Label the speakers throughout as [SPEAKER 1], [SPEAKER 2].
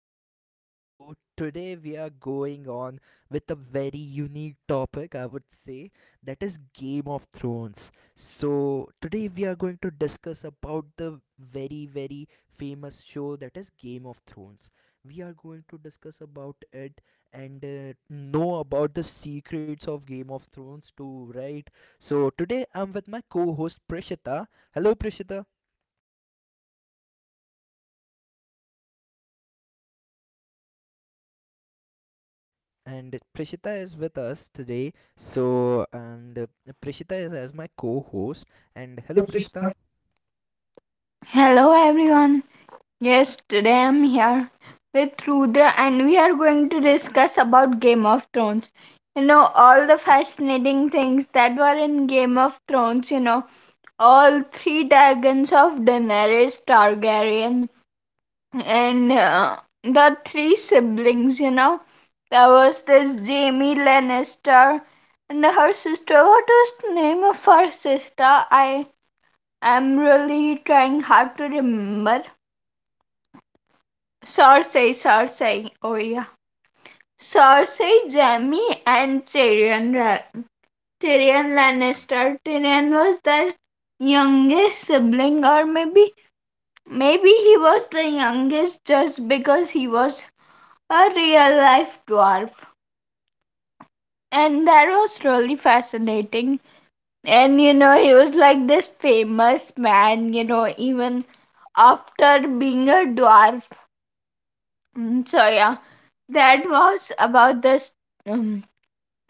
[SPEAKER 1] back to my show. Today we are going on with a very unique topic, I would say, that is Game of Thrones. So, today we are going to discuss about the very very famous show that is Game of Thrones. We are going to discuss about it and know about the secrets of Game of Thrones too, right? So, today I'm with my co-host Prishita. Hello Prishita. And Prishita is with us today. So, and Prishita is as my co host. And hello, Prishita.
[SPEAKER 2] Hello everyone. Yes, today I'm here with Rudra and we are going to discuss about Game of Thrones. All the fascinating things that were in Game of Thrones, all three dragons of Daenerys Targaryen and the three siblings. There was this Jamie Lannister and her sister. What was the name of her sister? I am really trying hard to remember Cersei, Cersei. Oh yeah. Cersei, Jaime, and Tyrion. Tyrion Lannister. Tyrion was their youngest sibling, or maybe he was the youngest just because he was a real life dwarf. And that was really fascinating. And he was like this famous man, even after being a dwarf. So yeah, that was about um,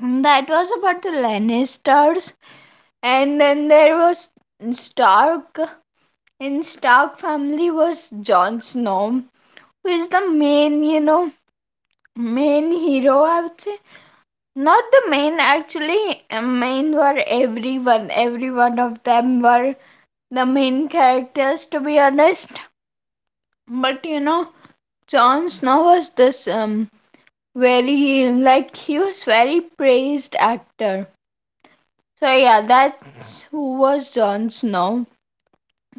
[SPEAKER 2] That was about the Lannisters, and then there was Stark. In Stark family was Jon Snow, who is the main hero. I would say not the main actually. Main were everyone. Every one of them were the main characters, to be honest. But Jon Snow was this very, like he was very praised actor. So yeah, that who was Jon Snow.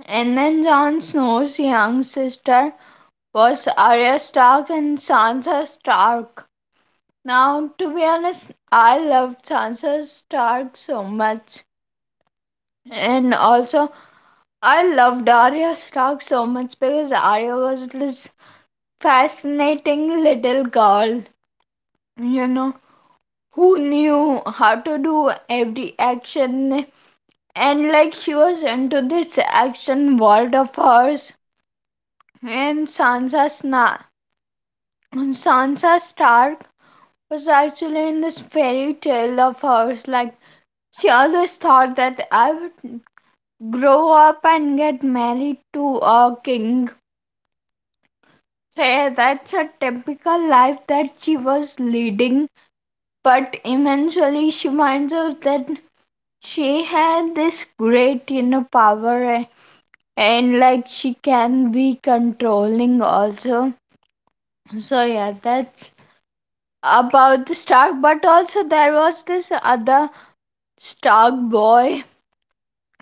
[SPEAKER 2] And then Jon Snow's young sister was Arya Stark and Sansa Stark. Now, to be honest, I loved Sansa Stark so much. And also, I loved Arya Stark so much because Arya was this fascinating little girl, you know, who knew how to do every action, and like she was into this action world of hers. And Sansa Stark was actually in this fairy tale of hers, like she always thought that I would grow up and get married to a king. So yeah, that's a typical life that she was leading, but eventually she finds out that she had this great power, and like she can be controlling also. So yeah, that's about the Stark, but also there was this other Stark boy.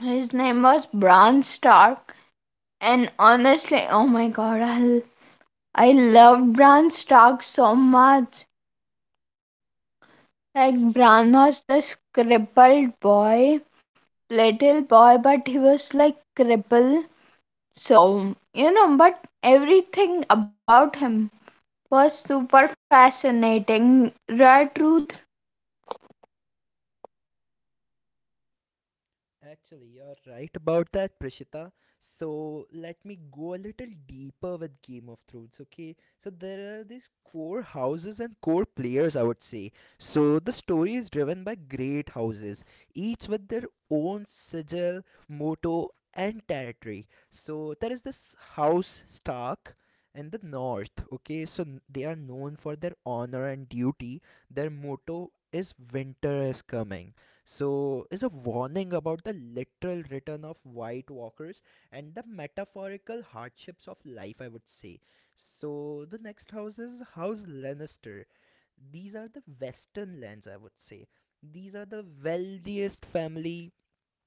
[SPEAKER 2] His name was Bran Stark, and honestly, oh my god, I loved Bran Stark so much. Like Bran was this crippled boy, little boy, but he was like crippled. So but everything about him was super fascinating. Right, Ruth?
[SPEAKER 1] Actually, you're right about that, Prishita. So, let me go a little deeper with Game of Thrones, okay? So, there are these core houses and core players, I would say. So, the story is driven by great houses, each with their own sigil, motto, and territory. So, there is this house Stark and the north, okay, so they are known for their honor and duty. Their motto is winter is coming, so is a warning about the literal return of white walkers and the metaphorical hardships of life, I would say. So the next house is house Lannister. These are the western lands, I would say. These are the wealthiest family,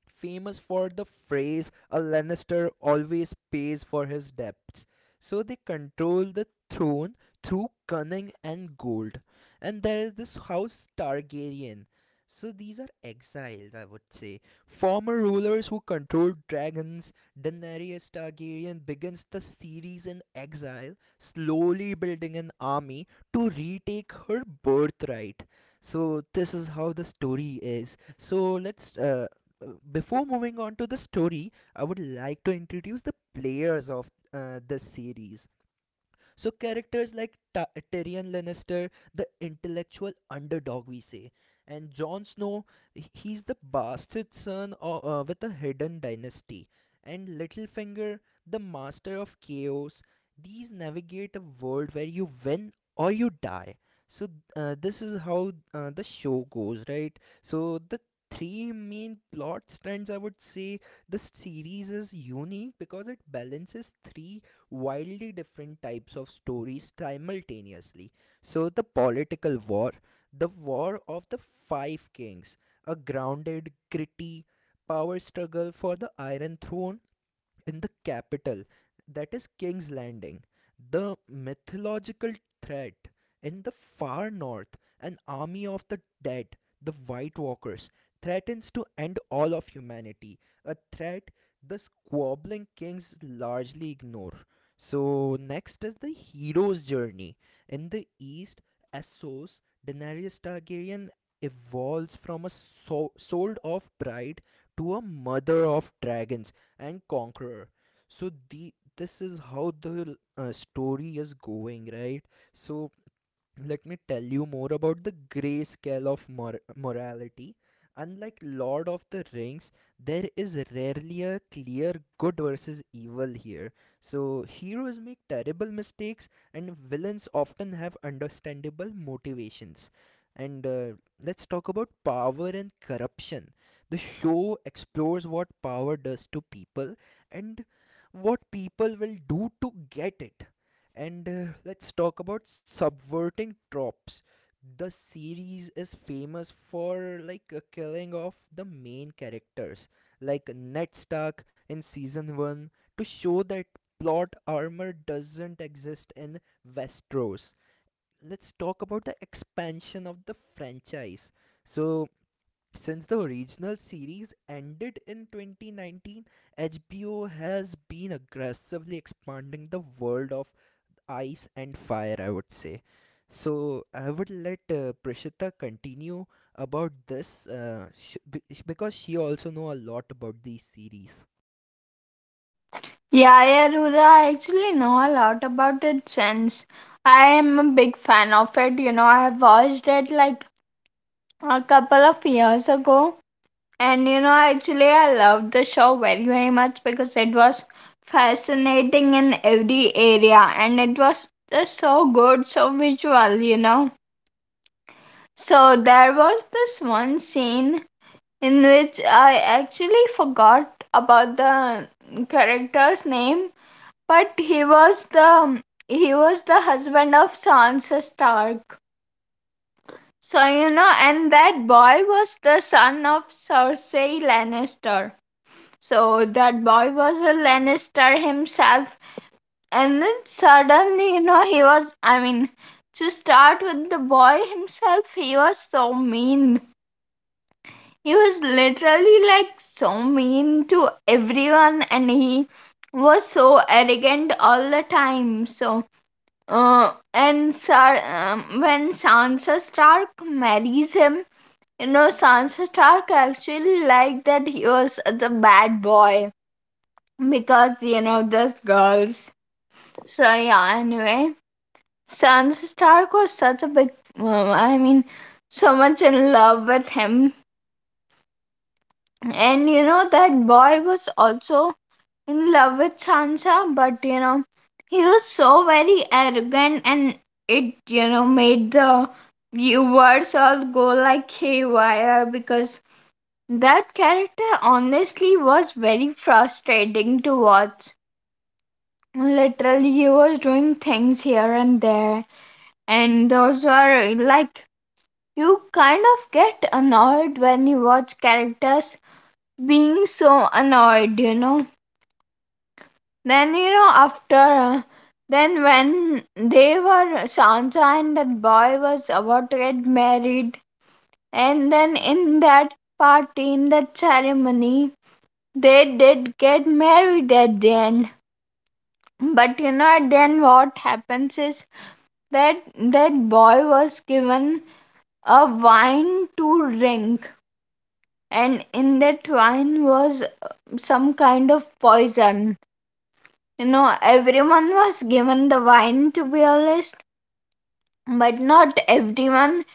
[SPEAKER 1] famous for the phrase a Lannister always pays for his debts. So they control the throne through cunning and gold. And there is this house Targaryen. So these are exiles, I would say. Former rulers who controlled dragons, Daenerys Targaryen begins the series in exile, slowly building an army to retake her birthright. So this is how the story is. So let's Before moving on to the story, I would like to introduce the players of the series. So, characters like Tyrion Lannister, the intellectual underdog, we say, and Jon Snow, he's the bastard son of, with a hidden dynasty, and Littlefinger, the master of chaos. These navigate a world where you win or you die. so this is how the show goes, right? So the three main plot strands, I would say, the series is unique because it balances three wildly different types of stories simultaneously. So the political war, the war of the five kings, a grounded, gritty power struggle for the iron throne in the capital, that is King's Landing. The mythological threat in the far north, an army of the dead, the White Walkers, threatens to end all of humanity. A threat the squabbling kings largely ignore. So, next is the hero's journey. In the east, Essos, Daenerys Targaryen evolves from a sold off bride to a mother of dragons and conqueror. So the this is how the story is going, right? So let me tell you more about the grayscale of morality. Unlike Lord of the Rings, there is rarely a clear good versus evil here. So, heroes make terrible mistakes, and villains often have understandable motivations. And Let's talk about power and corruption. The show explores what power does to people and what people will do to get it. And Let's talk about subverting tropes. The series is famous for killing off the main characters, like Ned Stark in season 1, to show that plot armor doesn't exist in Westeros. Let's talk about the expansion of the franchise. So, since the original series ended in 2019, HBO has been aggressively expanding the world of ice and fire, I would say. So I would let Prishita continue about this because she also know a lot about these series.
[SPEAKER 2] Yeah, yeah, Ruth. I actually know a lot about it since. I am a big fan of it. I have watched it like a couple of years ago. And actually, I loved the show very, very much because it was fascinating in every area and it was just so good, so visual. So, there was this one scene in which I actually forgot about the character's name, but he was the husband of Sansa Stark. So and that boy was the son of Cersei Lannister. So that boy was a Lannister himself, and then suddenly he was. I mean, to start with the boy himself, he was so mean, he was literally like so mean to everyone, and he was so arrogant all the time. So uh, and Sar- when Sansa Stark marries him, Sansa Stark actually liked that he was the bad boy because those girls. So yeah, anyway, Sansa Stark was such a big um, I mean, so much in love with him. And that boy was also in love with Sansa, but he was so very arrogant, and it made the viewers all go like haywire because that character honestly was very frustrating to watch. Literally, he was doing things here and there, and those were like you kind of get annoyed when you watch characters being so annoyed. Then after then when they were Sansa and that boy was about to get married, and then in that party, in that ceremony, they did get married at the end. But at the end what happens is that boy was given a wine to drink, and in that wine was some kind of poison. Everyone was given the wine, to be honest. But not everyone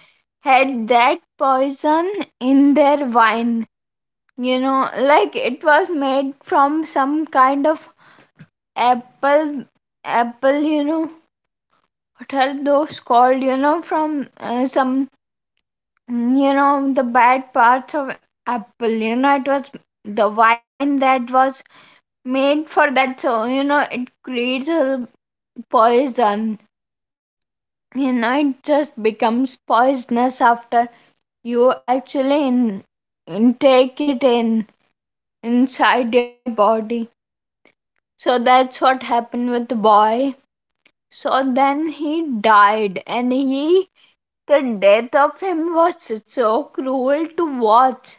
[SPEAKER 2] had that poison in their wine. Like it was made from some kind of apple, apple, what are those called? From some, the bad parts of apple. It was the wine that was made for that. So, it creates a poison. It just becomes poisonous after you actually intake it in inside your body. So that's what happened with the boy. So then he died, and he the death of him was so cruel to watch.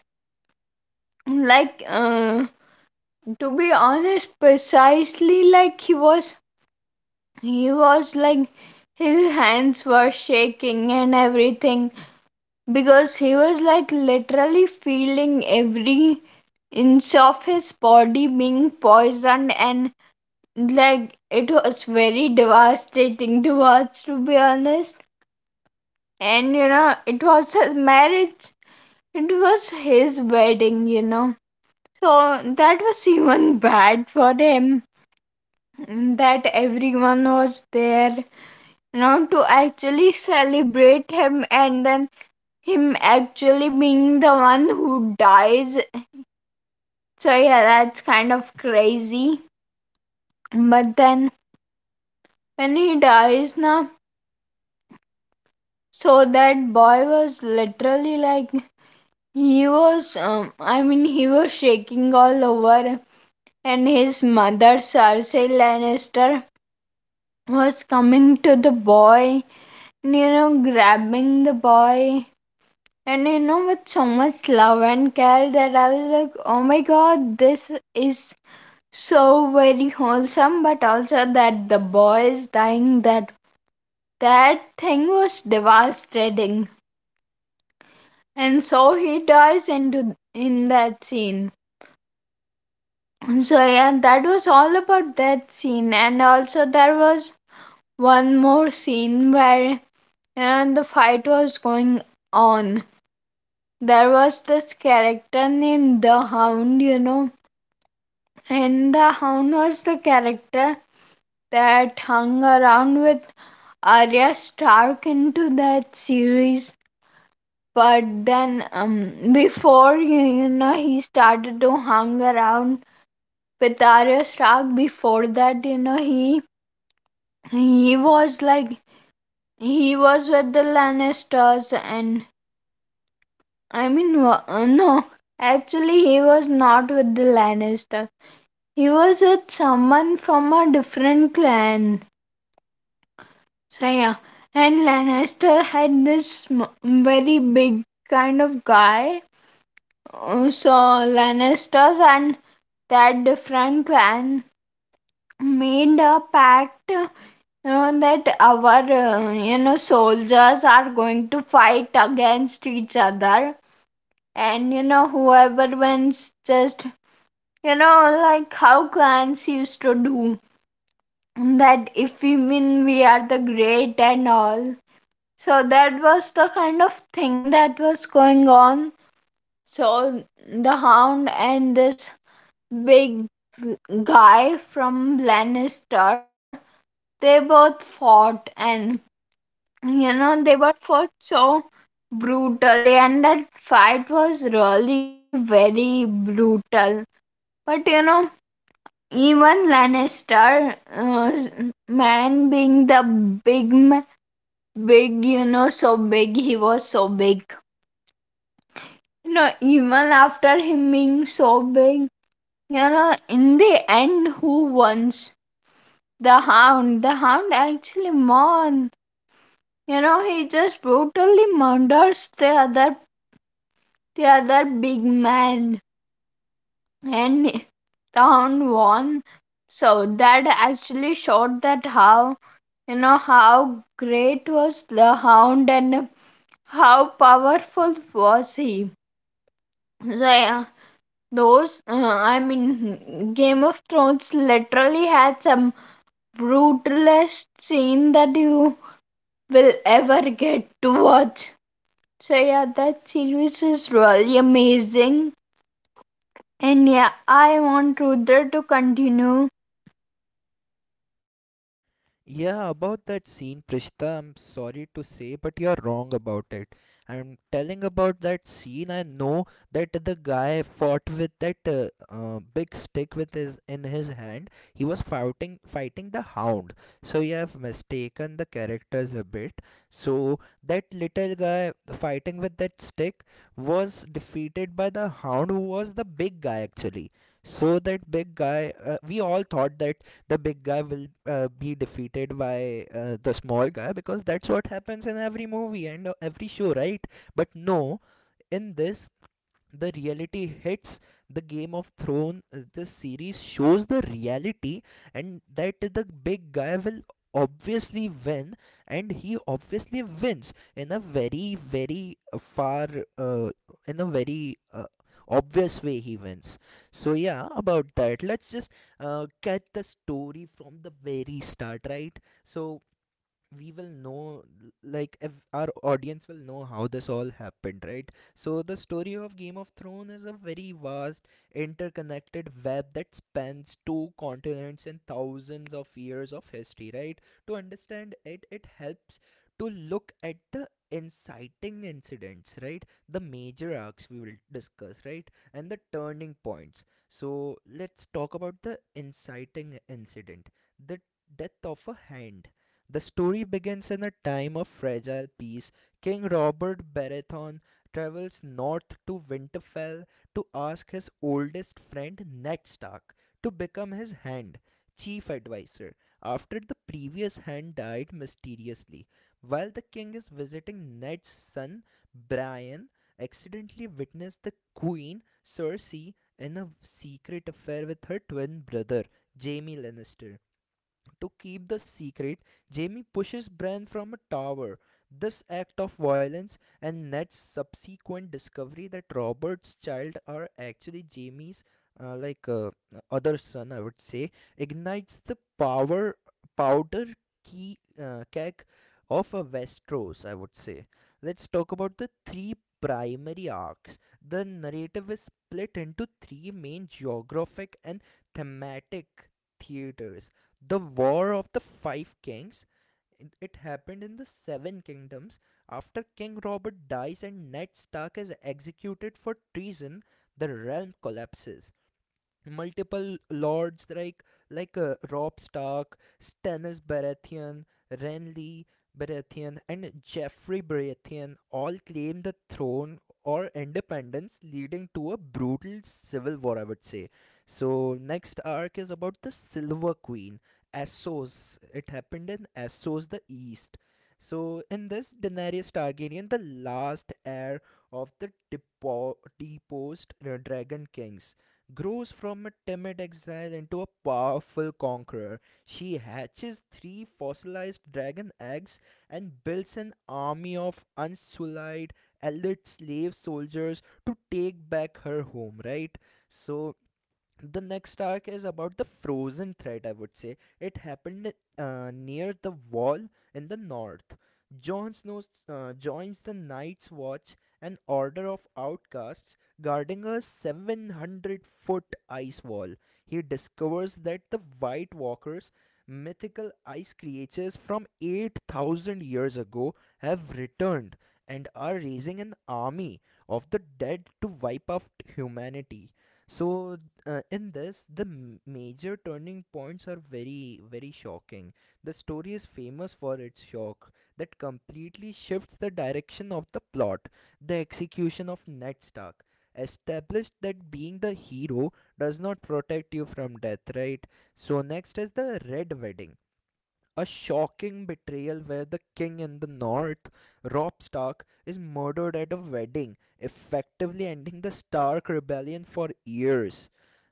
[SPEAKER 2] Like to be honest, precisely, like he was like his hands were shaking and everything because he was like literally feeling every inch of his body being poisoned, and like it was very devastating to watch, to be honest. And it was his marriage, it was his wedding, so that was even bad for him, that everyone was there, to actually celebrate him, and then him actually being the one who dies. So yeah, that's kind of crazy. But then when he dies now, so that boy was literally like he was I mean, he was shaking all over, and his mother Cersei Lannister was coming to the boy, and grabbing the boy, and with so much love and care that I was like, oh my god, this is so very wholesome, but also that the boy is dying. That that thing was devastating. And so he dies into in that scene. So yeah, that was all about that scene, and also there was one more scene where the fight was going on. There was this character named the Hound, and the Hound was the character that hung around with Arya Stark into that series. But then before he started to hang around with Arya Stark. Before that, he was like he was with the Lannisters, and I mean, no, actually, he was not with the Lannisters. He was with someone from a different clan. So yeah, and Lannister had this very big kind of guy. So Lannisters and that different clan made a pact, know that our soldiers are going to fight against each other, and whoever wins, just like how clans used to do, that if we win we are the great and all. So that was the kind of thing that was going on. So the Hound and this big guy from Lannister, they both fought, and they were fought so brutally, and that fight was really very brutal. But even Lannister man, being the big ma- big, so big, he was so big. Even after him being so big, in the end who wins? The Hound. The Hound actually won. He just brutally murders the other, the other big man. And down won. So that actually showed that how, how great was the Hound, and how powerful was he. So yeah, those I mean, Game of Thrones literally had some brutalist scene that you will ever get to watch. So yeah, that series is really amazing. And yeah, I want Rudra to continue.
[SPEAKER 1] Yeah, about that scene, Prishita, I'm sorry to say, but you're wrong about it. I'm telling about that scene. I know that the guy fought with that big stick with his in his hand. He was fighting the hound. So you have mistaken the characters a bit. So that little guy fighting with that stick was defeated by the hound, who was the big guy actually. So that big guy, we all thought that the big guy will be defeated by the small guy because that's what happens in every movie and every show, right? But no, in this the reality hits the Game of Thrones. The series shows the reality and that the big guy will obviously win, and he obviously wins in a very very far uh, in a very obvious way he wins. So yeah, about that, let's just get the story from the very start, right? So we will know, like, if our audience will know how this all happened, right? So the story of Game of Thrones is a very vast interconnected web that spans two continents and thousands of years of history, right? To understand it, it helps to look at the inciting incidents, right, the major arcs we will discuss, right, and the turning points. So let's talk about the inciting incident, the death of a hand. The story begins in a time of fragile peace. King Robert Baratheon travels north to Winterfell to ask his oldest friend Ned Stark to become his hand, chief advisor, after the previous hand died mysteriously. While the king is visiting, Ned's son, Brian, accidentally witnessed the queen, Cersei, in a secret affair with her twin brother, Jaime Lannister. To keep the secret, Jamie pushes Bran from a tower. This act of violence and Ned's subsequent discovery that Robert's child are actually Jamie's, uh, like uh, other son, I would say, ignites the power powder key keg of a Westeros, I would say. Let's talk about the three primary arcs. The narrative is split into three main geographic and thematic theaters. The War of the Five Kings. It happened in the Seven Kingdoms. After King Robert dies and Ned Stark is executed for treason, the realm collapses. Multiple lords like Rob Stark, Stannis Baratheon, Renly Baratheon, and Geoffrey Baratheon all claim the throne or independence, leading to a brutal civil war, I would say. So next arc is about the Silver Queen, Essos. It happened in Essos, the East. So, in this, Daenerys Targaryen, the last heir of the deposed Dragon Kings, grows from a timid exile into a powerful conqueror. She hatches three fossilized dragon eggs and builds an army of unsullied elite slave soldiers to take back her home, right? So, the next arc is about the frozen threat, I would say. It happened near the wall in the north. Jon Snow joins the Night's Watch, an order of outcasts guarding a 700-foot ice wall. He discovers that the White Walkers, mythical ice creatures from 8,000 years ago, have returned and are raising an army of the dead to wipe out humanity. so in this, the major turning points are very very shocking. The story is famous for its shock that completely shifts the direction of the plot. The execution of Ned Stark established that being the hero does not protect you from death, right? So next is the red wedding, a shocking betrayal where the king in the north, Robb Stark, is murdered at a wedding, effectively ending the Stark rebellion for years.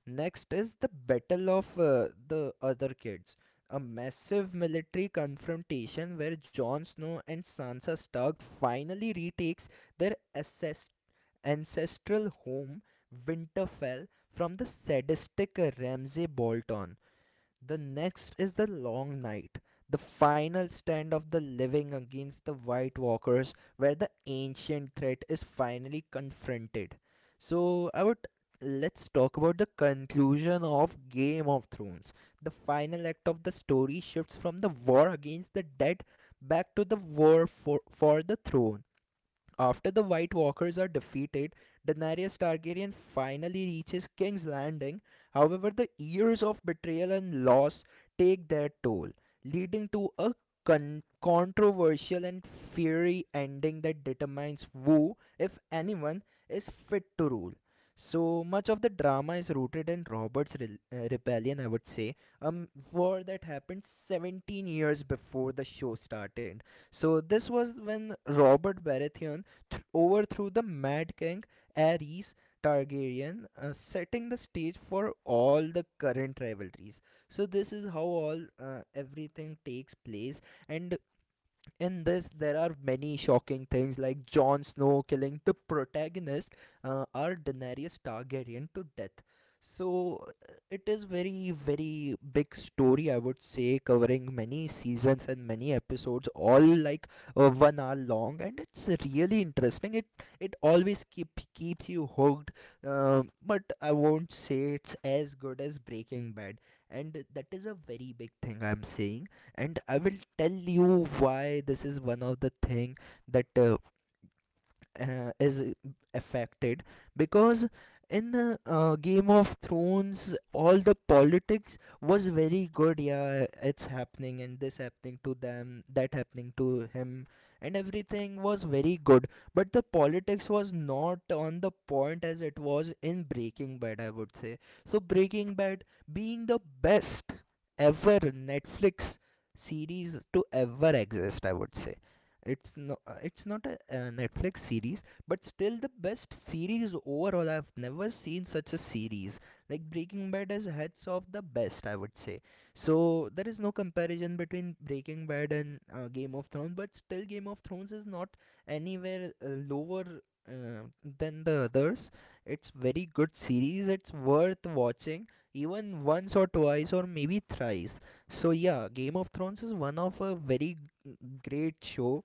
[SPEAKER 1] Next is the Battle of the Other Kids, a massive military confrontation where Jon Snow and Sansa Stark finally retakes their ancestral home, Winterfell, from the sadistic Ramsay Bolton. The next is the long night, the final stand of the living against the White Walkers, where the ancient threat is finally confronted. So, I would Let's talk about the conclusion of Game of Thrones. The final act of the story shifts from the war against the dead back to the war for the throne. After the White Walkers are defeated, Daenerys Targaryen finally reaches King's Landing. However, the years of betrayal and loss take their toll, leading to a controversial and fiery ending that determines who, if anyone, is fit to rule. So much of the drama is rooted in Robert's rebellion, I would say, a war that happened 17 years before the show started. So this was when Robert Baratheon overthrew the Mad King Aerys Targaryen, setting the stage for all the current rivalries. So this is how all everything takes place, and in this there are many shocking things like Jon Snow killing the protagonist, our Daenerys Targaryen, to death. So it is very big story, I would say, covering many seasons and many episodes, all like 1 hour long. And it's really interesting. It always keeps you hooked. But I won't say it's as good as Breaking Bad, and that is a very big thing I'm saying. And I will tell you why. This is one of the thing that is affected because in the Game of Thrones all the politics was very good, yeah, it's happening and this happening to them, that happening to him, and everything was very good. But the politics was not on the point as it was in Breaking Bad, I would say. So Breaking Bad, being the best ever Netflix series to ever exist, I would say, it's it's not a Netflix series, but still the best series overall. I've never seen such a series. Like Breaking Bad is heads off the best, I would say. So there is no comparison between Breaking Bad and Game of Thrones, but still Game of Thrones is not anywhere lower uh, than the others. It's very good series. It's worth watching even once or twice or maybe thrice. So yeah, Game of Thrones is one of a very g- great show,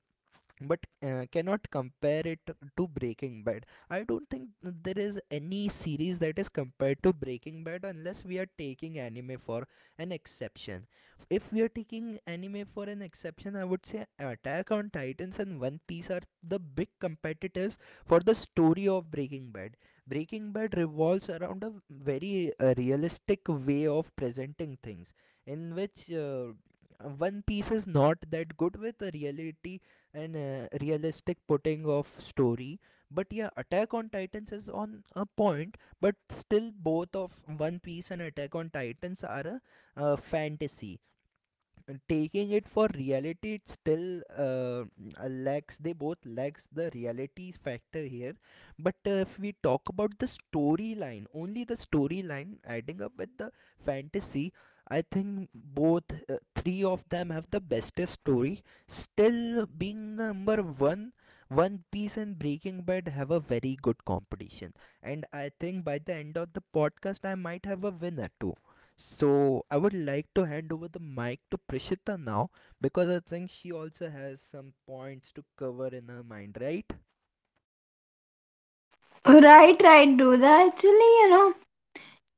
[SPEAKER 1] but cannot compare it to Breaking Bad. I don't think there is any series that is compared to Breaking Bad unless we are taking anime for an exception. If we are taking anime for an exception, I would say Attack on Titans and One Piece are the big competitors for the story of Breaking Bad. Breaking Bad revolves around a very realistic way of presenting things, in which One Piece is not that good with the reality and realistic putting of story, but yeah, Attack on Titans is on a point. But still both of One Piece and Attack on Titans are a fantasy. Taking it for reality, it still lacks, they both lacks the reality factor here. But if we talk about the storyline, only the storyline adding up with the fantasy, I think both three of them have the bestest story. Still being number one, One Piece and Breaking Bad have a very good competition, and I think by the end of the podcast I might have a winner too. So I would like to hand over the mic to Prishita now, because I think she also has some points to cover in her mind, right?
[SPEAKER 2] Right, right, Rudra. Actually,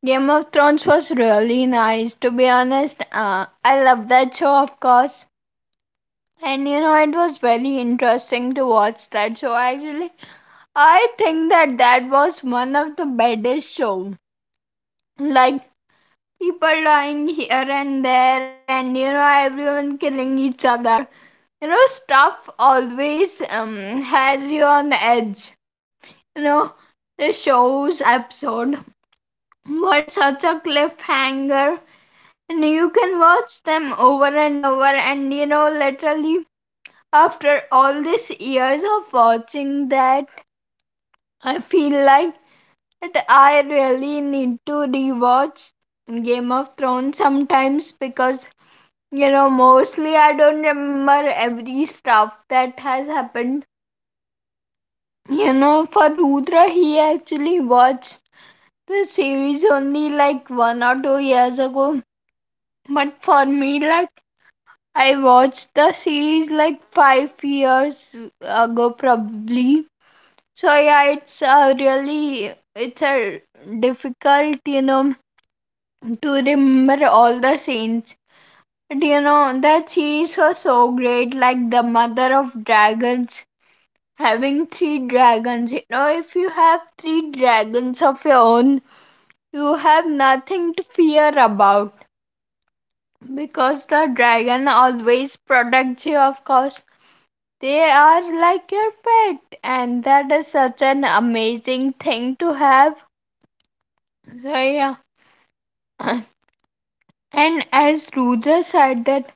[SPEAKER 2] Game of Thrones was really nice, to be honest. I love that show, of course. And it was very interesting to watch that show. Actually, I think that was one of the baddest show. Like, people dying here and there, and everyone killing each other. Stuff always has you on edge. you know the show's episode were such a cliffhanger, and you can watch them over and over, and literally after all these years of watching that I feel like that I really need to rewatch Game of Thrones sometimes because mostly I don't remember every stuff that has happened. For Rudra, he actually watched the series only like 1 or 2 years ago. But for me, like I watched the series like 5 years ago probably. So yeah, it's a really, it's a difficult, to remember all the scenes. But that series was so great, like the mother of dragons having three dragons. If you have three dragons of your own, you have nothing to fear about. Because the dragon always protects you, of course. They are like your pet, and that is such an amazing thing to have. So, yeah. And as Rudra said, that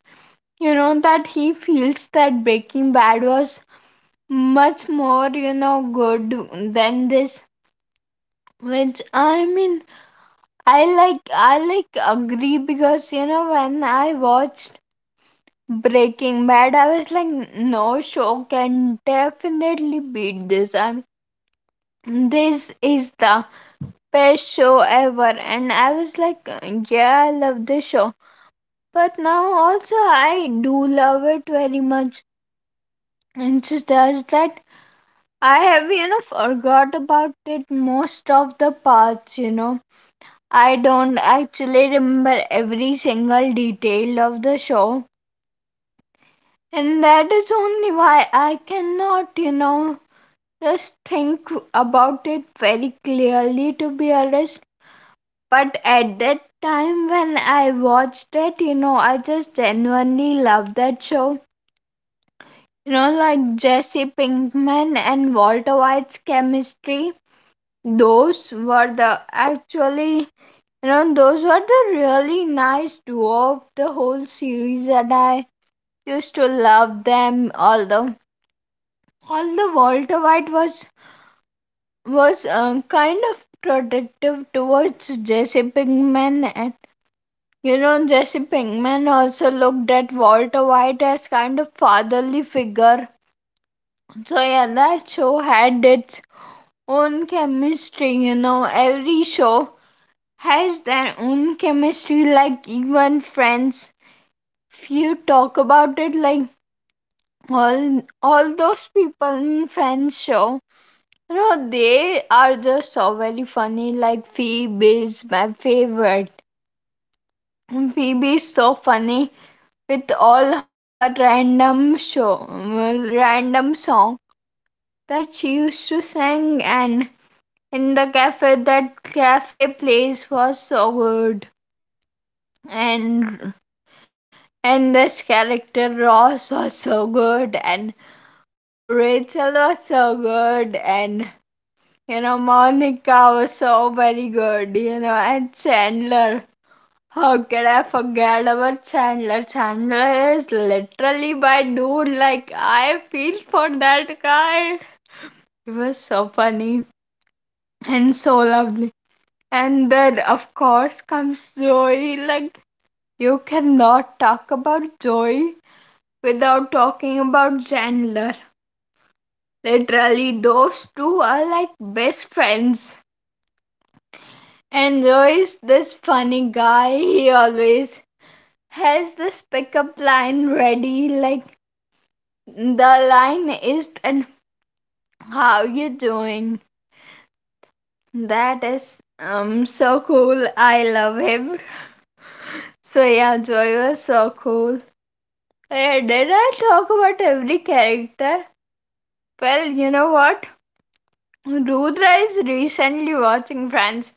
[SPEAKER 2] that he feels that Breaking Bad was much more, good than this. Which I mean, I like agree because when I watched Breaking Bad, I was like, no show can definitely beat this. I mean, this is the best show ever. And I was like, yeah, I love this show. But now also, I do love it very much. It's just as that I have, forgot about it most of the parts. I don't actually remember every single detail of the show. And that is only why I cannot, just think about it very clearly, to be honest, but at that time when I watched it, I just genuinely loved that show, you know, like Jesse Pinkman and Walter White's chemistry. Those were the actually those were the really nice duo of the whole series, and I used to love them. Although Walter White was kind of protective towards Jesse Pinkman, and you know, Jesse Pinkman also looked at Walter White as kind of fatherly figure. So yeah, that show had its own chemistry. You know, every show has their own chemistry. Like even Friends, if you talk about it, like all those people in Friends show. No, they are just so very funny. Like Phoebe is my favorite. Phoebe is so funny with all her random show, well, random song that she used to sing, and in the cafe, that cafe place was so good, and and this character Ross was so good, and Rachel was so good, and you know, Monica was so very good, you know, and Chandler. How could I forget about Chandler? Chandler is literally my dude. Like, I feel for that guy. It was so funny and so lovely. And then, of course, comes Joey. Like, you cannot talk about Joey without talking about Chandler. Literally, those two are like best friends. Enjoys this funny guy. He always has this pickup line ready, like the line is and how you doing? That is so cool. I love him. So yeah, Joy was so cool. Yeah, did I talk about every character? Well, you know what? Rudra is recently watching Friends.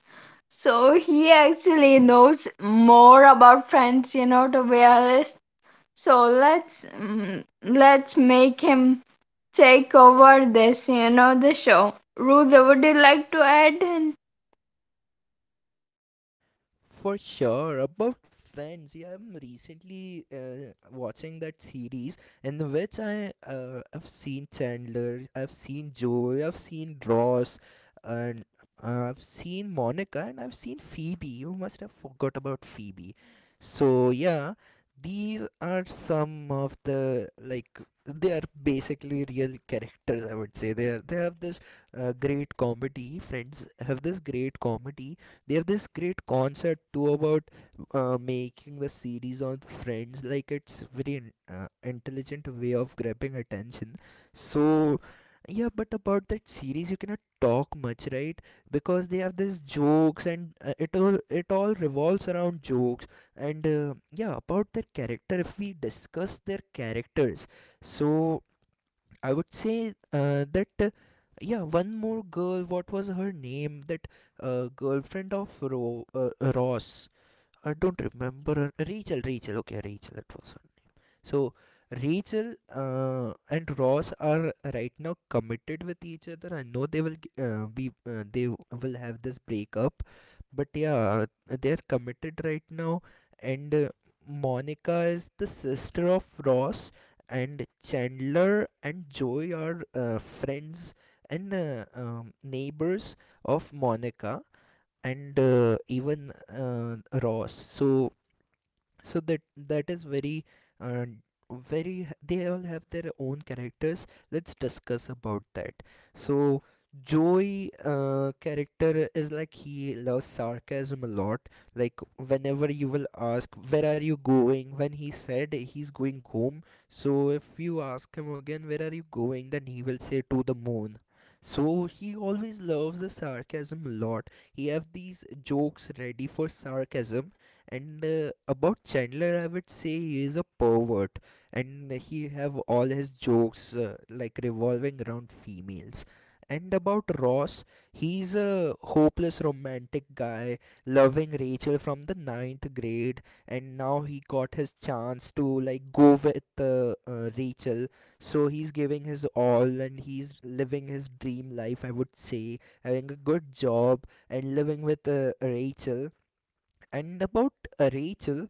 [SPEAKER 2] So he actually knows more about Friends, you know, to be honest. So let's make him take over this, you know, the show. Rudra, would you like to add in?
[SPEAKER 1] For sure. About Friends, yeah, I'm recently watching that series, in which I've seen Chandler, I've seen Joey, I've seen Ross, and I've seen Monica, and I've seen Phoebe. You must have forgot about Phoebe. So yeah, these are some of the like they are basically real characters. I would say they are, they have this great comedy. Friends have this great comedy. They have this great concept too, about making the series on Friends. Like, it's very intelligent way of grabbing attention. So yeah, but about that series you cannot talk much, right? Because they have these jokes, and it all, it all revolves around jokes. And yeah, about their character, if we discuss their characters, so I would say that yeah, one more girl. What was her name? That girlfriend of Ross. I don't remember. Rachel, Rachel. Okay, Rachel, that was her name. So Rachel and Ross are right now committed with each other. I know they will g- be they will have this breakup, but yeah, they are committed right now. And Monica is the sister of Ross, and Chandler and Joey are friends and neighbors of Monica and even Ross. So that is very uh, very they all have their own characters. Let's discuss about that. So Joey, character is like, he loves sarcasm a lot. Like, whenever you will ask where are you going, when he said he's going home, so if you ask him again where are you going, then he will say to the moon. So he always loves the sarcasm a lot. He have these jokes ready for sarcasm. And about Chandler, I would say he is a pervert, and he have all his jokes like revolving around females. And about Ross, he's a hopeless romantic guy, loving Rachel from the ninth grade, and now he got his chance to like go with Rachel. So he's giving his all, and he's living his dream life, I would say, having a good job and living with Rachel. And about Rachel,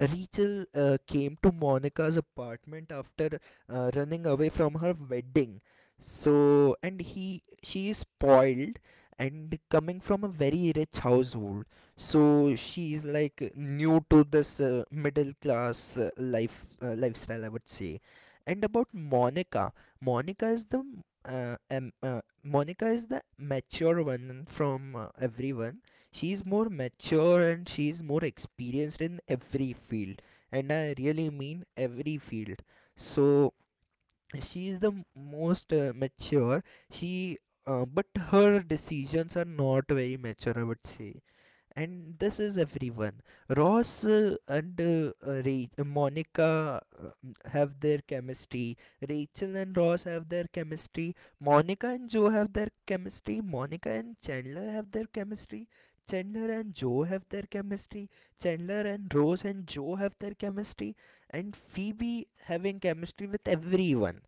[SPEAKER 1] Rachel came to Monica's apartment after running away from her wedding. So, and he, she is spoiled, and coming from a very rich household. So she is like new to this middle class lifestyle, I would say. And about Monica, Monica is the Monica is the mature one from everyone. She's more mature and she's more experienced in every field, and I really mean every field. So she is the most mature. She But her decisions are not very mature, I would say. And this is everyone. Ross and Ra- monica have their chemistry. Rachel and Ross have their chemistry, Monica and Joe have their chemistry, Monica and Chandler have their chemistry, Chandler and Joe have their chemistry, Chandler and Rose and Joe have their chemistry, and Phoebe having chemistry with everyone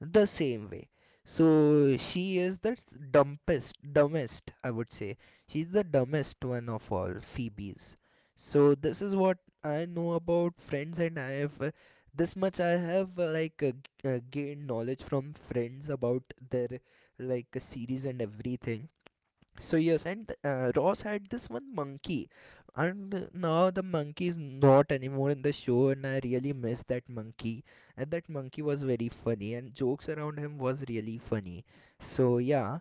[SPEAKER 1] the same way. So she is the dumbest, I would say. She's the dumbest one of all Phoebes. So this is what I know about Friends, and I have this much I have gained knowledge from Friends about their series and everything. So yes, and Ross had this one monkey, and now the monkey is not anymore in the show, and I really miss that monkey. And that monkey was very funny, and jokes around him was really funny. So yeah,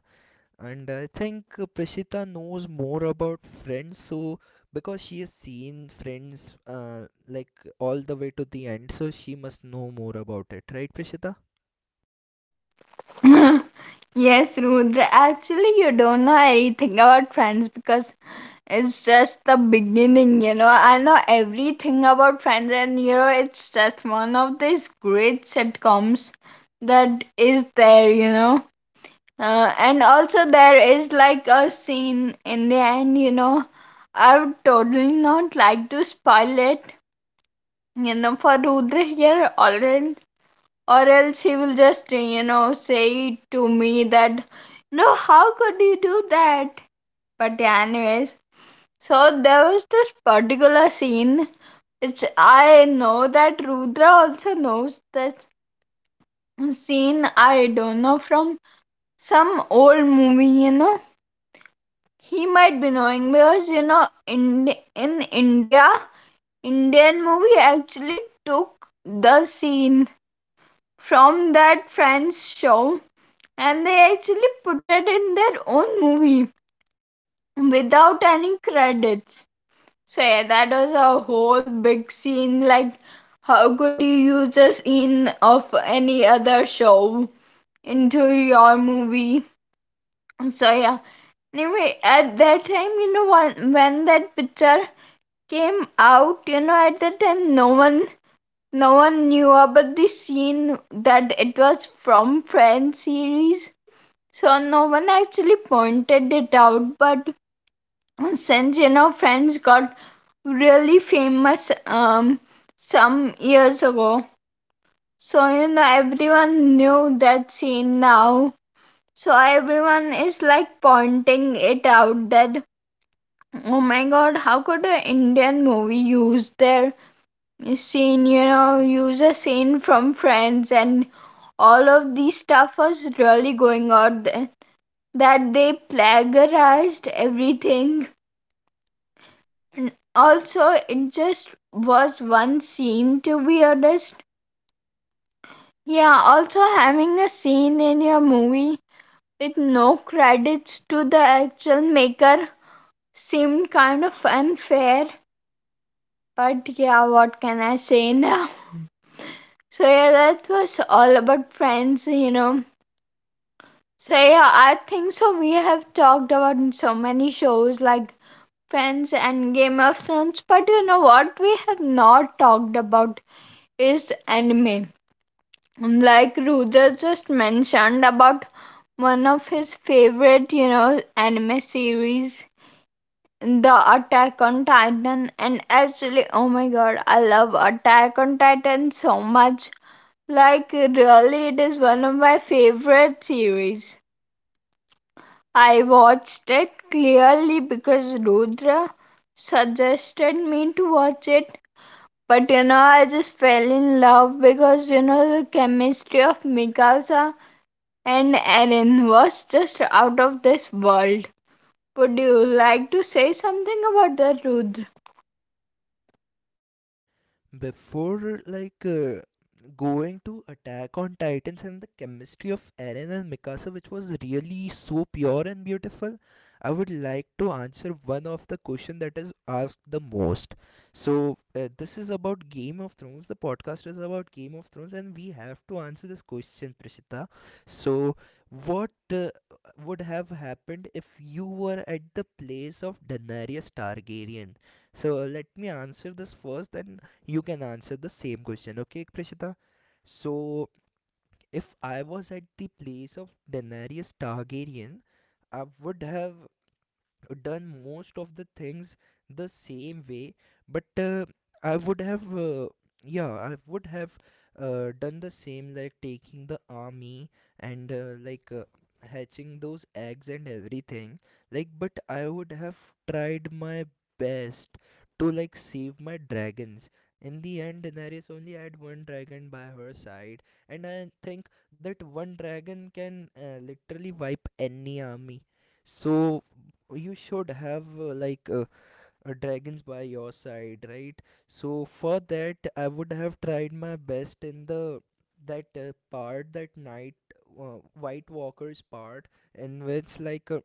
[SPEAKER 1] and I think Prishita knows more about Friends, so because she has seen Friends like all the way to the end, so she must know more about it, right, Prishita?
[SPEAKER 2] Yes, Rudra. Actually, you don't know anything about Friends because it's just the beginning, you know. I know everything about Friends, and you know, it's just one of these great sitcoms that is there, you know. And also there is like a scene in the end, you know. I would totally not like to spoil it, you know, for Rudra here already. Or else he will just, you know, say to me that, no, how could you do that? But yeah, anyways, so there was this particular scene which I know that Rudra also knows this scene. I don't know from some old movie, you know. He might be knowing because you know, in India, Indian movie actually took the scene from that French show and they actually put it in their own movie without any credits. So yeah, that was a whole big scene. Like, how could you use a scene of any other show into your movie? So yeah. Anyway, at that time, you know, when that picture came out, you know, at that time, no one knew about the scene that it was from Friends series. So no one actually pointed it out, but since you know, Friends got really famous some years ago. So you know, everyone knew that scene now. So everyone is like pointing it out that oh my god, how could an Indian movie use their scene, you know, use a scene from Friends, and all of this stuff was really going on. That they plagiarized everything. And also, it just was one scene, to be honest. Yeah, also having a scene in your movie with no credits to the actual maker seemed kind of unfair. But yeah, what can I say now? So yeah, that was all about Friends, you know. So yeah, I think so. We have talked about so many shows like Friends and Game of Thrones, but you know what we have not talked about is anime. Like Rudra just mentioned about one of his favorite, you know, anime series, The Attack on Titan. And actually, oh my god, I love Attack on Titan so much. Like really, it is one of my favorite series. I watched it clearly because Rudra suggested me to watch it. But you know, I just fell in love because you know, the chemistry of Mikasa and Eren was just out of this world. Would you like to say something about that, Rudra?
[SPEAKER 1] Before like going to Attack on Titans and the chemistry of Eren and Mikasa, which was really so pure and beautiful, I would like to answer one of the question that is asked the most. So this is about Game of Thrones, the podcast is about Game of Thrones, and we have to answer this question, Prishita. So what would have happened if you were at the place of Daenerys Targaryen? So let me answer this first, then you can answer the same question, okay, Prishita? So, if I was at the place of Daenerys Targaryen, I would have done most of the things the same way, but I would have yeah, I would have done the same, like taking the army and hatching those eggs and everything, like. But I would have tried my best to like save my dragons. In the end, Daenerys only had one dragon by her side, and I think that one dragon can literally wipe any army. So you should have dragons by your side, right? So for that I would have tried my best in the that part, that night, white walkers part, in which like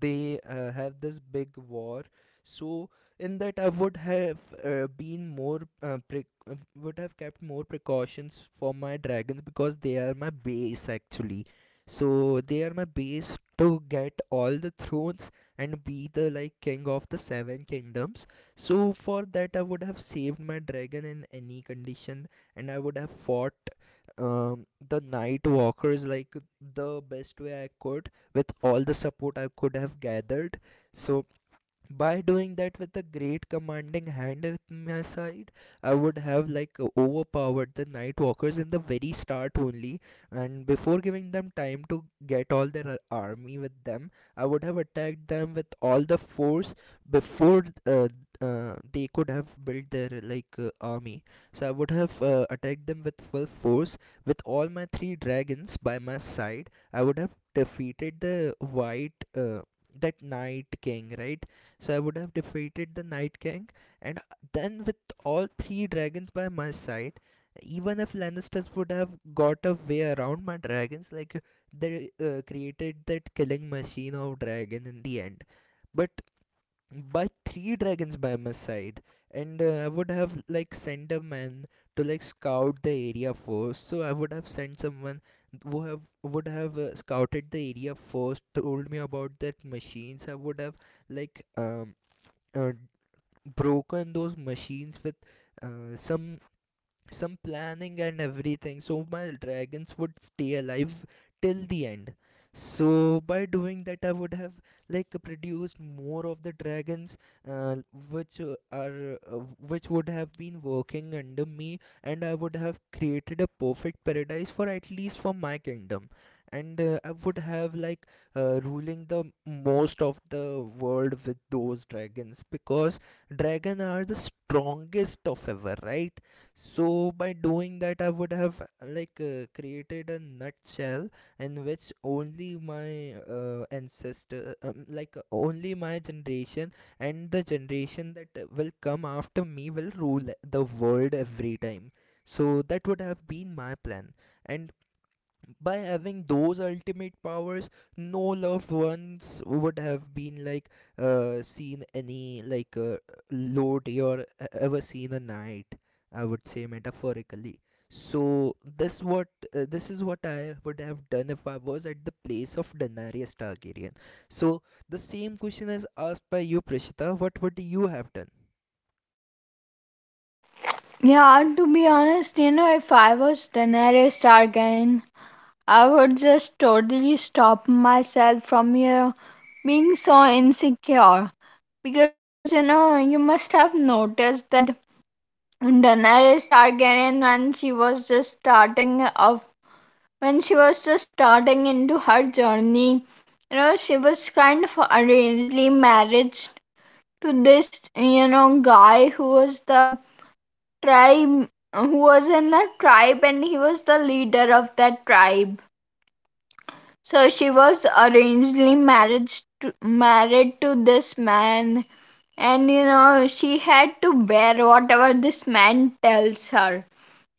[SPEAKER 1] they have this big war. So in that I would have would have kept more precautions for my dragons, because they are my base actually. So they are my base to get all the thrones and be the like king of the seven kingdoms. So for that I would have saved my dragon in any condition, and I would have fought the night walkers like the best way I could, with all the support I could have gathered. So by doing that, with a great commanding hand at my side, I would have like overpowered the night walkers in the very start only, and before giving them time to get all their army with them, I would have attacked them with all the force before they could have built their army. So I would have attacked them with full force. With all my three dragons by my side, I would have defeated the white that Night King, right? So I would have defeated the Night King, and then with all three dragons by my side, even if Lannisters would have got a way around my dragons, like they created that killing machine of dragon in the end. But by three dragons by my side, and I would have like sent a man to like scout the area first. So I would have sent someone who have would have scouted the area first, told me about that machines. I would have like um uh, broken those machines with uh, some some planning and everything, so my dragons would stay alive till the end. So by doing that, I would have like produced more of the dragons, uh, which uh, are uh, which would have been working under me, and I would have created a perfect paradise, for at least for my kingdom. And uh, i would have ruling the most of the world with those dragons, because dragon are the strongest of ever, right? So by doing that, I would have created a nutshell in which only my ancestor like only my generation and the generation that will come after me will rule the world every time. So that would have been my plan. And by having those ultimate powers, no loved ones would have been seen any low or ever seen a knight, I would say, metaphorically. So this what this is what I would have done if I was at the place of Daenerys Targaryen. So the same question is asked by you, Prishita. What would you have done?
[SPEAKER 2] Yeah, to be honest, you know, if I was Daenerys Targaryen, I would just totally stop myself from you know, being so insecure. Because you know, you must have noticed that Daenerys Targaryen, when she was just starting off, when she was just starting into her journey, you know, she was kind of arrangedly married to this, you know, guy who was the tribe, who was in the tribe and he was the leader of that tribe. So she was arrangedly married married to this man, and you know, she had to bear whatever this man tells her,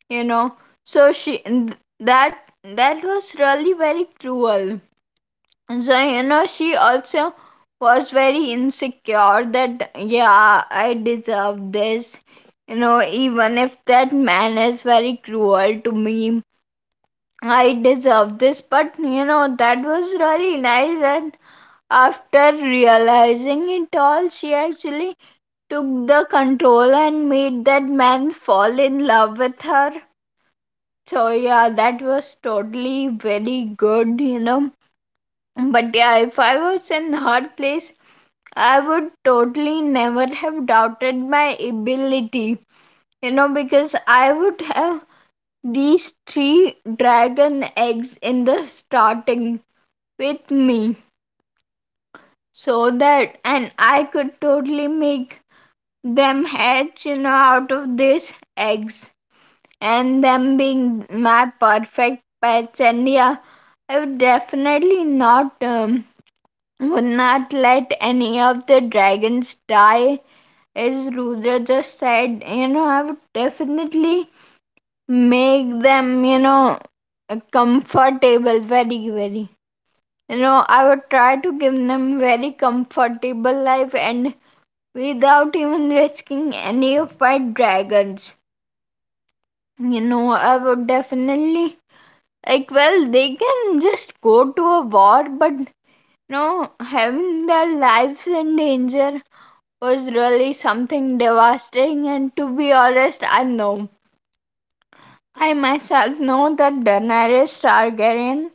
[SPEAKER 2] you know. So she. that that was really very cruel. And so you know, she also was very insecure that yeah, I deserve this, you know, even if that man is very cruel to me, I deserve this. But you know, that was really nice, and after realizing it all, she actually took the control and made that man fall in love with her. So yeah, that was totally very good, you know. But yeah, if I was in her place, I would totally never have doubted my ability, you know, because I would have these three dragon eggs in the starting with me, so that and I could totally make them hatch, you know, out of these eggs, and them being my perfect pets. And yeah, I would definitely not would not let any of the dragons die. As Rudra just said, you know, I would definitely make them, you know, comfortable. Very very You know, I would try to give them very comfortable life, and without even risking any of my dragons, you know, I would definitely, like, well, they can just go to a war, but no, having their lives in danger was really something devastating. And to be honest, I know, I myself know that Daenerys Targaryen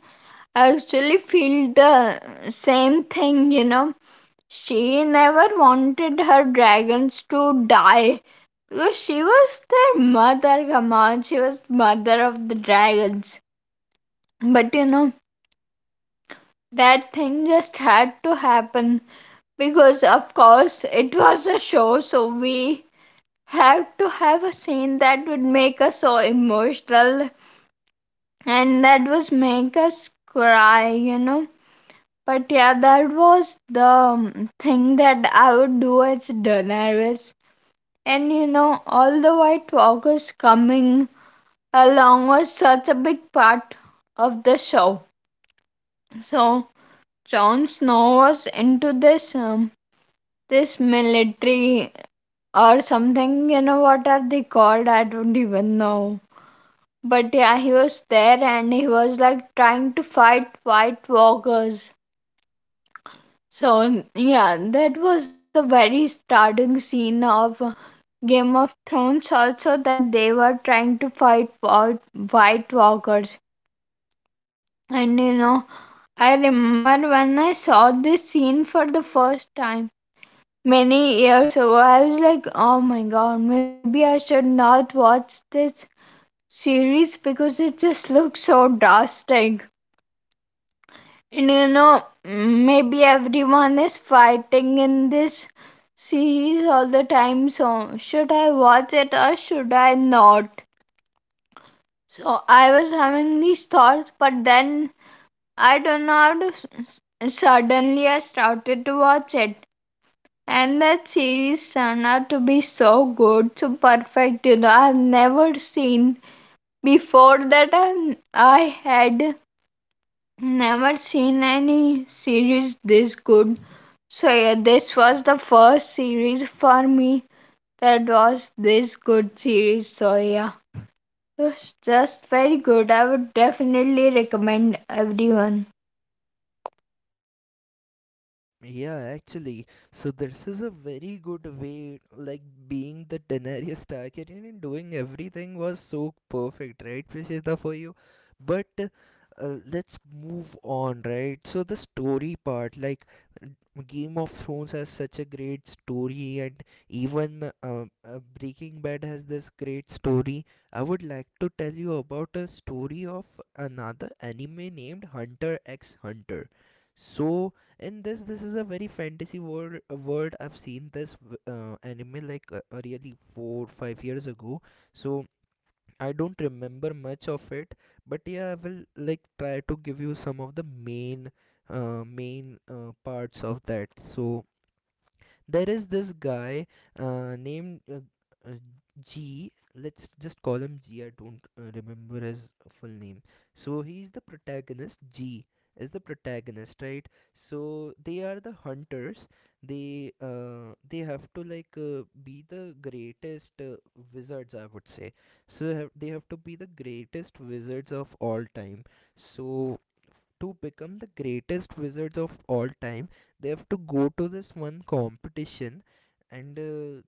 [SPEAKER 2] actually feel the same thing, you know. She never wanted her dragons to die because she was their mother. Come on, she was mother of the dragons. But you know, that thing just had to happen because, of course, it was a show, so we have to have a scene that would make us so emotional and that was make us cry, you know. But yeah, that was the thing that I would do as Daenerys. And you know, all the White Walkers coming along was such a big part of the show. So Jon Snow was into this this military or something, you know, what are they called? I don't even know. But yeah, he was there and he was like trying to fight White Walkers. So yeah, that was the very starting scene of Game of Thrones also, that they were trying to fight White Walkers. And you know, I remember when I saw this scene for the first time, many years ago, I was like, oh my god, maybe I should not watch this series because it just looks so drastic. And you know, maybe everyone is fighting in this series all the time, so should I watch it or should I not? So I was having these thoughts, but then I don't know how to. Suddenly, I started to watch it. And that series turned out to be so good, so perfect, you know. I've never seen before that. I had never seen any series this good. So yeah, this was the first series for me that was this good series. So yeah, it was just very good. I would definitely recommend everyone.
[SPEAKER 1] Yeah, actually, so this is a very good way, like being the Daenerys Targaryen and doing everything was so perfect, right, Prishita, for you. But Let's move on, right? So the story part, like Game of Thrones has such a great story, and even Breaking Bad has this great story. I would like to tell you about a story of another anime named Hunter x Hunter. So, in this is a very fantasy world. World I've seen this anime really 4 5 years ago. So I don't remember much of it, but yeah, I will like try to give you some of the main parts of that. So there is this guy named uh, G. Let's just call him G. I don't remember his full name. So he's the protagonist. G is the protagonist, right? So they are the hunters. They have to be the greatest wizards, I would say. So they have to be the greatest wizards of all time. So to become the greatest wizards of all time, they have to go to this one competition, and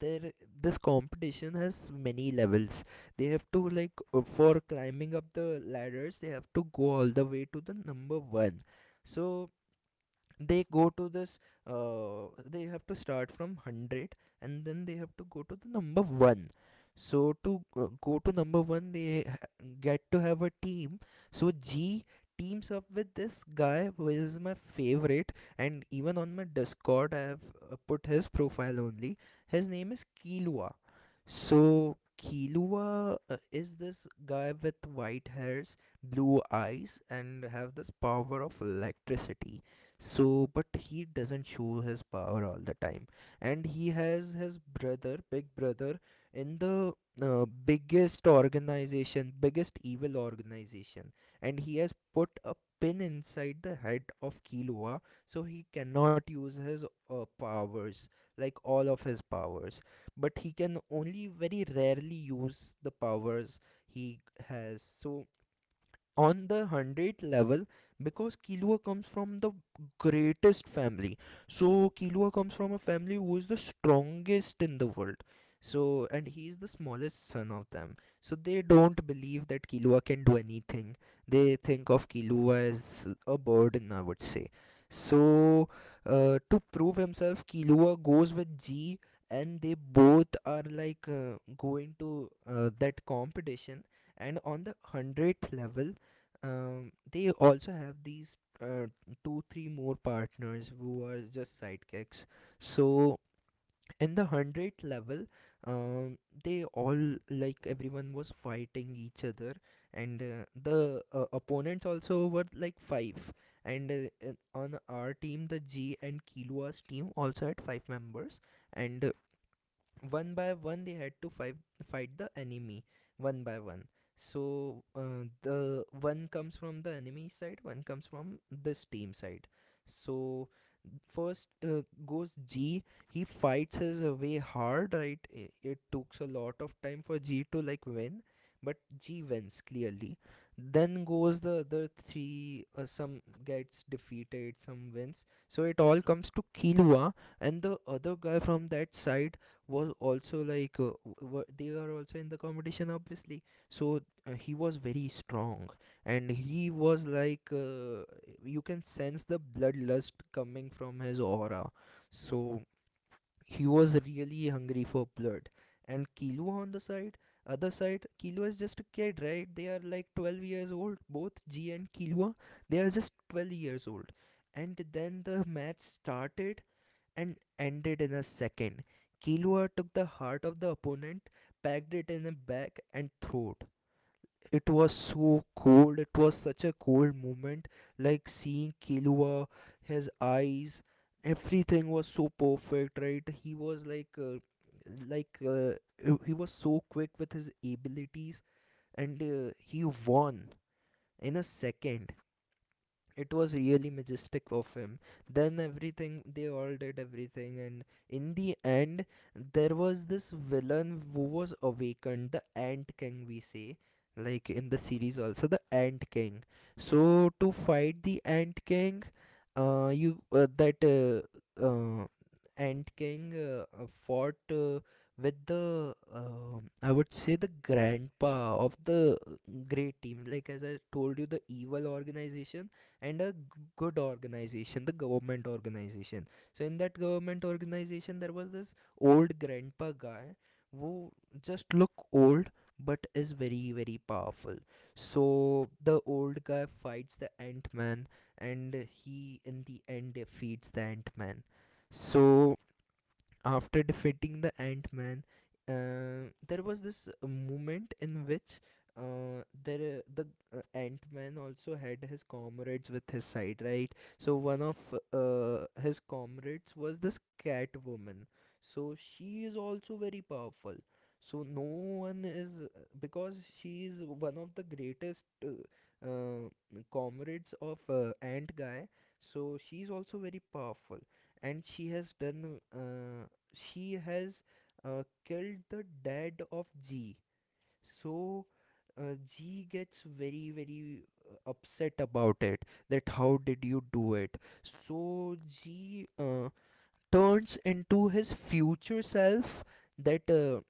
[SPEAKER 1] there this competition has many levels. They have to for climbing up the ladders, they have to go all the way to the number one. So they go to this they have to start from 100, and then they have to go to the number 1. So to go to number 1, get to have a team. So G teams up with this guy who is my favorite, and even on my Discord I have put his profile only. His name is Kilua. So Kilua is this guy with white hairs, blue eyes, and have this power of electricity. So, but he doesn't show his power all the time, and he has his brother, big brother, in the biggest organization, biggest evil organization, and he has put a pin inside the head of Kilua, so he cannot use his powers, like all of his powers, but he can only very rarely use the powers he has. So on the 100th level, because Kilua comes from the greatest family. So Kilua comes from a family who is the strongest in the world. So, and he is the smallest son of them. So they don't believe that Kilua can do anything. They think of Kilua as a burden, I would say. So to prove himself, Kilua goes with G, and they both are going to that competition. And on the 100th level, they also have these 2 3 more partners who are just sidekicks. So in the 100 level, um, they all like everyone was fighting each other, and the opponents also were like five, and on our team, the G and Kilua's team also had five members, and one by one they had to fight the enemy one by one. So the one comes from the enemy side, one comes from this team side. So first goes G. He fights his way hard, right? It took a lot of time for G to like win, but G wins clearly. Then goes the other three. Some gets defeated, some wins. So it all comes to Kilua, and the other guy from that side was also they are also in the competition, obviously. So he was very strong, and he was you can sense the bloodlust coming from his aura. So he was really hungry for blood. And Kilo on the side other side, Kilo is just a kid, right? They are like 12 years old, both G and Kilua, they are just 12 years old. And then the match started and ended in a second. Kilua took the heart of the opponent, packed it in a bag, and threw it. It was so cold. It was such a cold moment, like seeing Kilua, his eyes, everything was so perfect, right? He was like uh, he was so quick with his abilities, and he won in a second. It was really majestic of him. Then everything, they all did everything, and in the end, there was this villain who was awakened, the Ant King we say, like in the series also, the Ant King. So to fight the Ant King, you that Ant King fought with the I would say the grandpa of the great team. Like as I told you, the evil organization and a good organization, the government organization. So in that government organization, there was this old grandpa guy who just look old but is very very powerful. So the old guy fights the Ant Man, and he in the end defeats the ant-man so after defeating the Ant Man, there was this moment in which there the Ant Man also had his comrades with his side, right? So one of his comrades was this Cat Woman. So she is also very powerful. So no one is, because she is one of the greatest comrades of Ant Guy. So she is also very powerful, and she has killed the dad of G. So G gets very very upset about it. That how did you do it? So G turns into his future self, that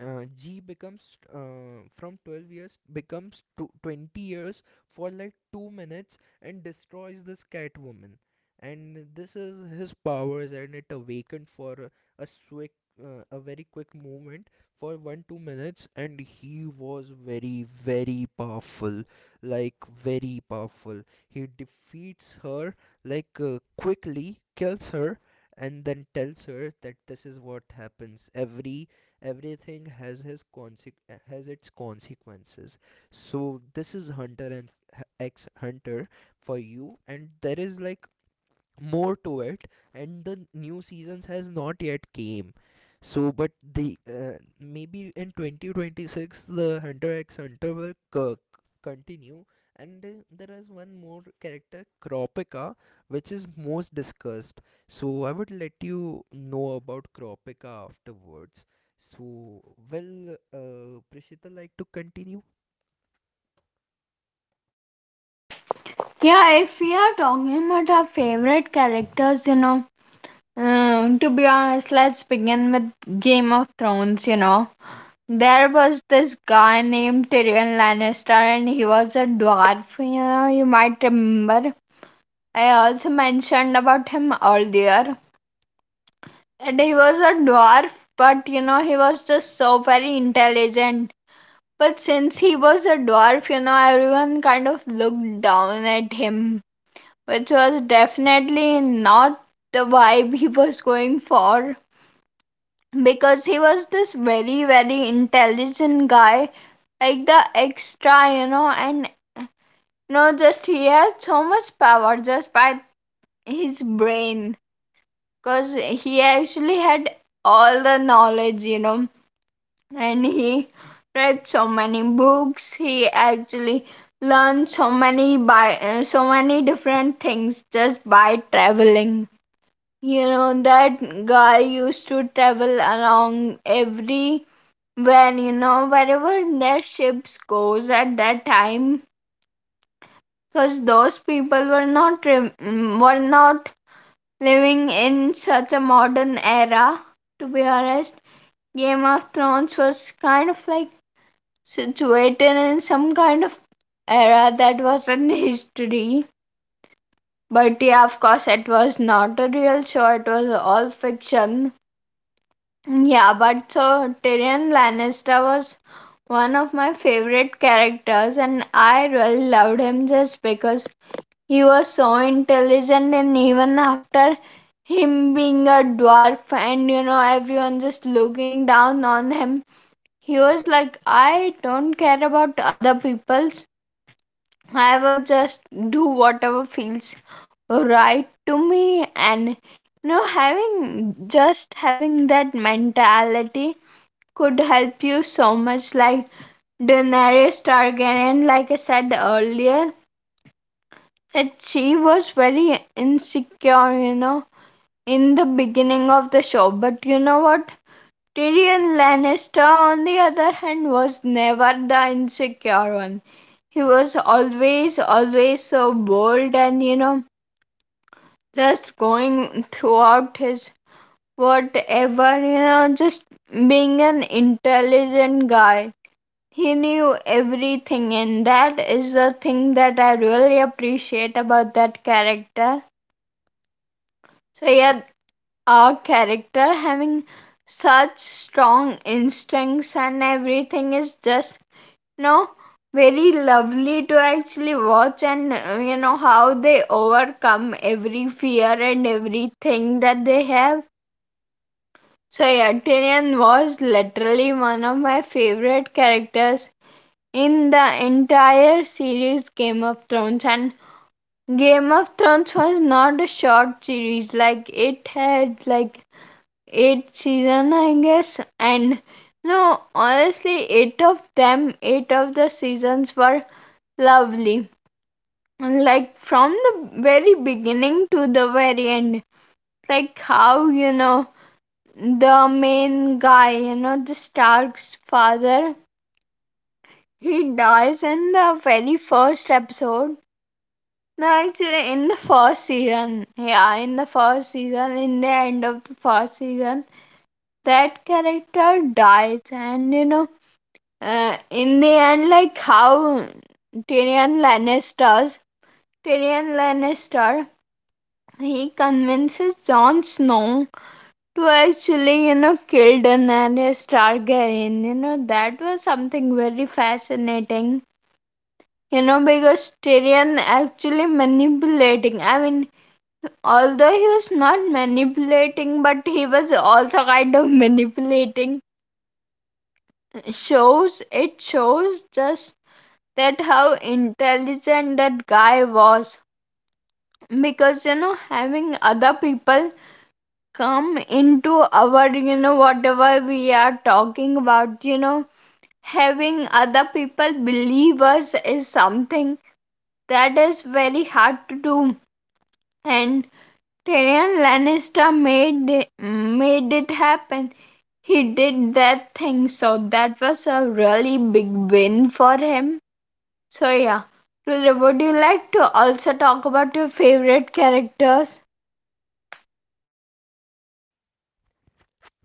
[SPEAKER 1] G becomes from 12 years becomes to 20 years for like 2 minutes, and destroys this Catwoman. And this is his powers, and it awakened for a quick a very quick moment, for 1 2 minutes, and he was very very powerful, like very powerful. He defeats her, quickly kills her, and then tells her that this is what happens. Everything has has its consequences. So this is Hunter and X Hunter for you, and there is like more to it, and the new seasons has not yet came. So, but the maybe in 2026 the Hunter x Hunter will continue. And there is one more character, Kropika, which is most discussed. So I would let you know about Kropika afterwards. So will Prishita like to continue?
[SPEAKER 2] Yeah, if we are talking about our favorite characters, you know, to be honest, let's begin with Game of Thrones, you know. There was this guy named Tyrion Lannister and he was a dwarf, you know, you might remember. I also mentioned about him earlier. And he was a dwarf, but you know, he was just so very intelligent. But since he was a dwarf, you know, everyone kind of looked down at him, which was definitely not the vibe he was going for. Because he was this very very intelligent guy, like the extra, you know, and just he had so much power just by his brain, because he actually had all the knowledge, you know, and he read so many books. He actually learned so many by so many different things just by traveling. You know, that guy used to travel along every, when, you know, wherever their ships goes at that time, because those people were not were not living in such a modern era, to be honest. Game of Thrones was kind of like situated in some kind of era that wasn't history. But yeah, of course, it was not a real show, it was all fiction. Yeah, but so Tyrion Lannister was one of my favorite characters, and I really loved him just because he was so intelligent. And even after him being a dwarf, and you know, everyone just looking down on him, he was like, I don't care about other people's, I will just do whatever feels right to me. And you know, having just having that mentality could help you so much. Like Daenerys Targaryen, like I said earlier, she was very insecure, you know, in the beginning of the show. But you know what? Tyrion Lannister, on the other hand, was never the insecure one. He was always, always so bold and, you know, just going throughout his whatever, you know, just being an intelligent guy. He knew everything, and that is the thing that I really appreciate about that character. So, yeah, our character having such strong instincts and everything is just, you know, very lovely to actually watch and, you know, how they overcome every fear and everything that they have. So, yeah, Tyrion was literally one of my favorite characters in the entire series Game of Thrones. And Game of Thrones was not a short series, like it had like 8 season, I guess. And no, honestly, 8 of them, 8 of the seasons were lovely, like from the very beginning to the very end. Like, how, you know, the main guy, you know, the Stark's father, he dies in the very first episode. No, actually, in the first season, yeah, in the first season, in the end of the first season, that character dies. And you know, in the end, like how Tyrion Lannister's Tyrion Lannister, he convinces Jon Snow to actually, you know, kill Daenerys Targaryen. You know, that was something very fascinating. You know, because Tyrion actually manipulating, I mean, although he was not manipulating, but he was also kind of manipulating, shows, it shows just that how intelligent that guy was. Because you know, having other people come into our, you know, whatever we are talking about, you know, having other people believe us is something that is very hard to do. And Tyrion Lannister made it happen, he did that thing. So that was a really big win for him. So yeah. Rudra, would you like to also talk about your favorite characters?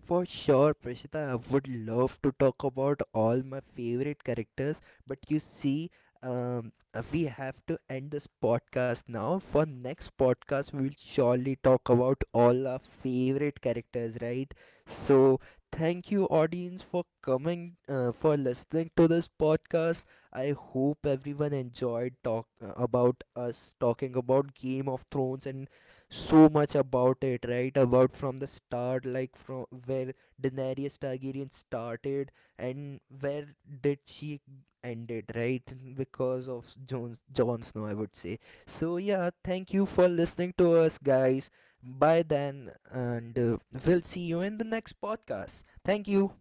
[SPEAKER 1] For sure, Prashita, I would love to talk about all my favorite characters, but you see, um, we have to end this podcast now. For next podcast, we will surely talk about all our favorite characters, right? So, thank you, audience, for coming, for listening to this podcast. I hope everyone enjoyed talk about us talking about Game of Thrones and so much about it, right? About from the start, like from where Daenerys Targaryen started, and where did she ended, right? Because of Jon Snow, I would say. So yeah, thank you for listening to us, guys. Bye then, and we'll see you in the next podcast. Thank you.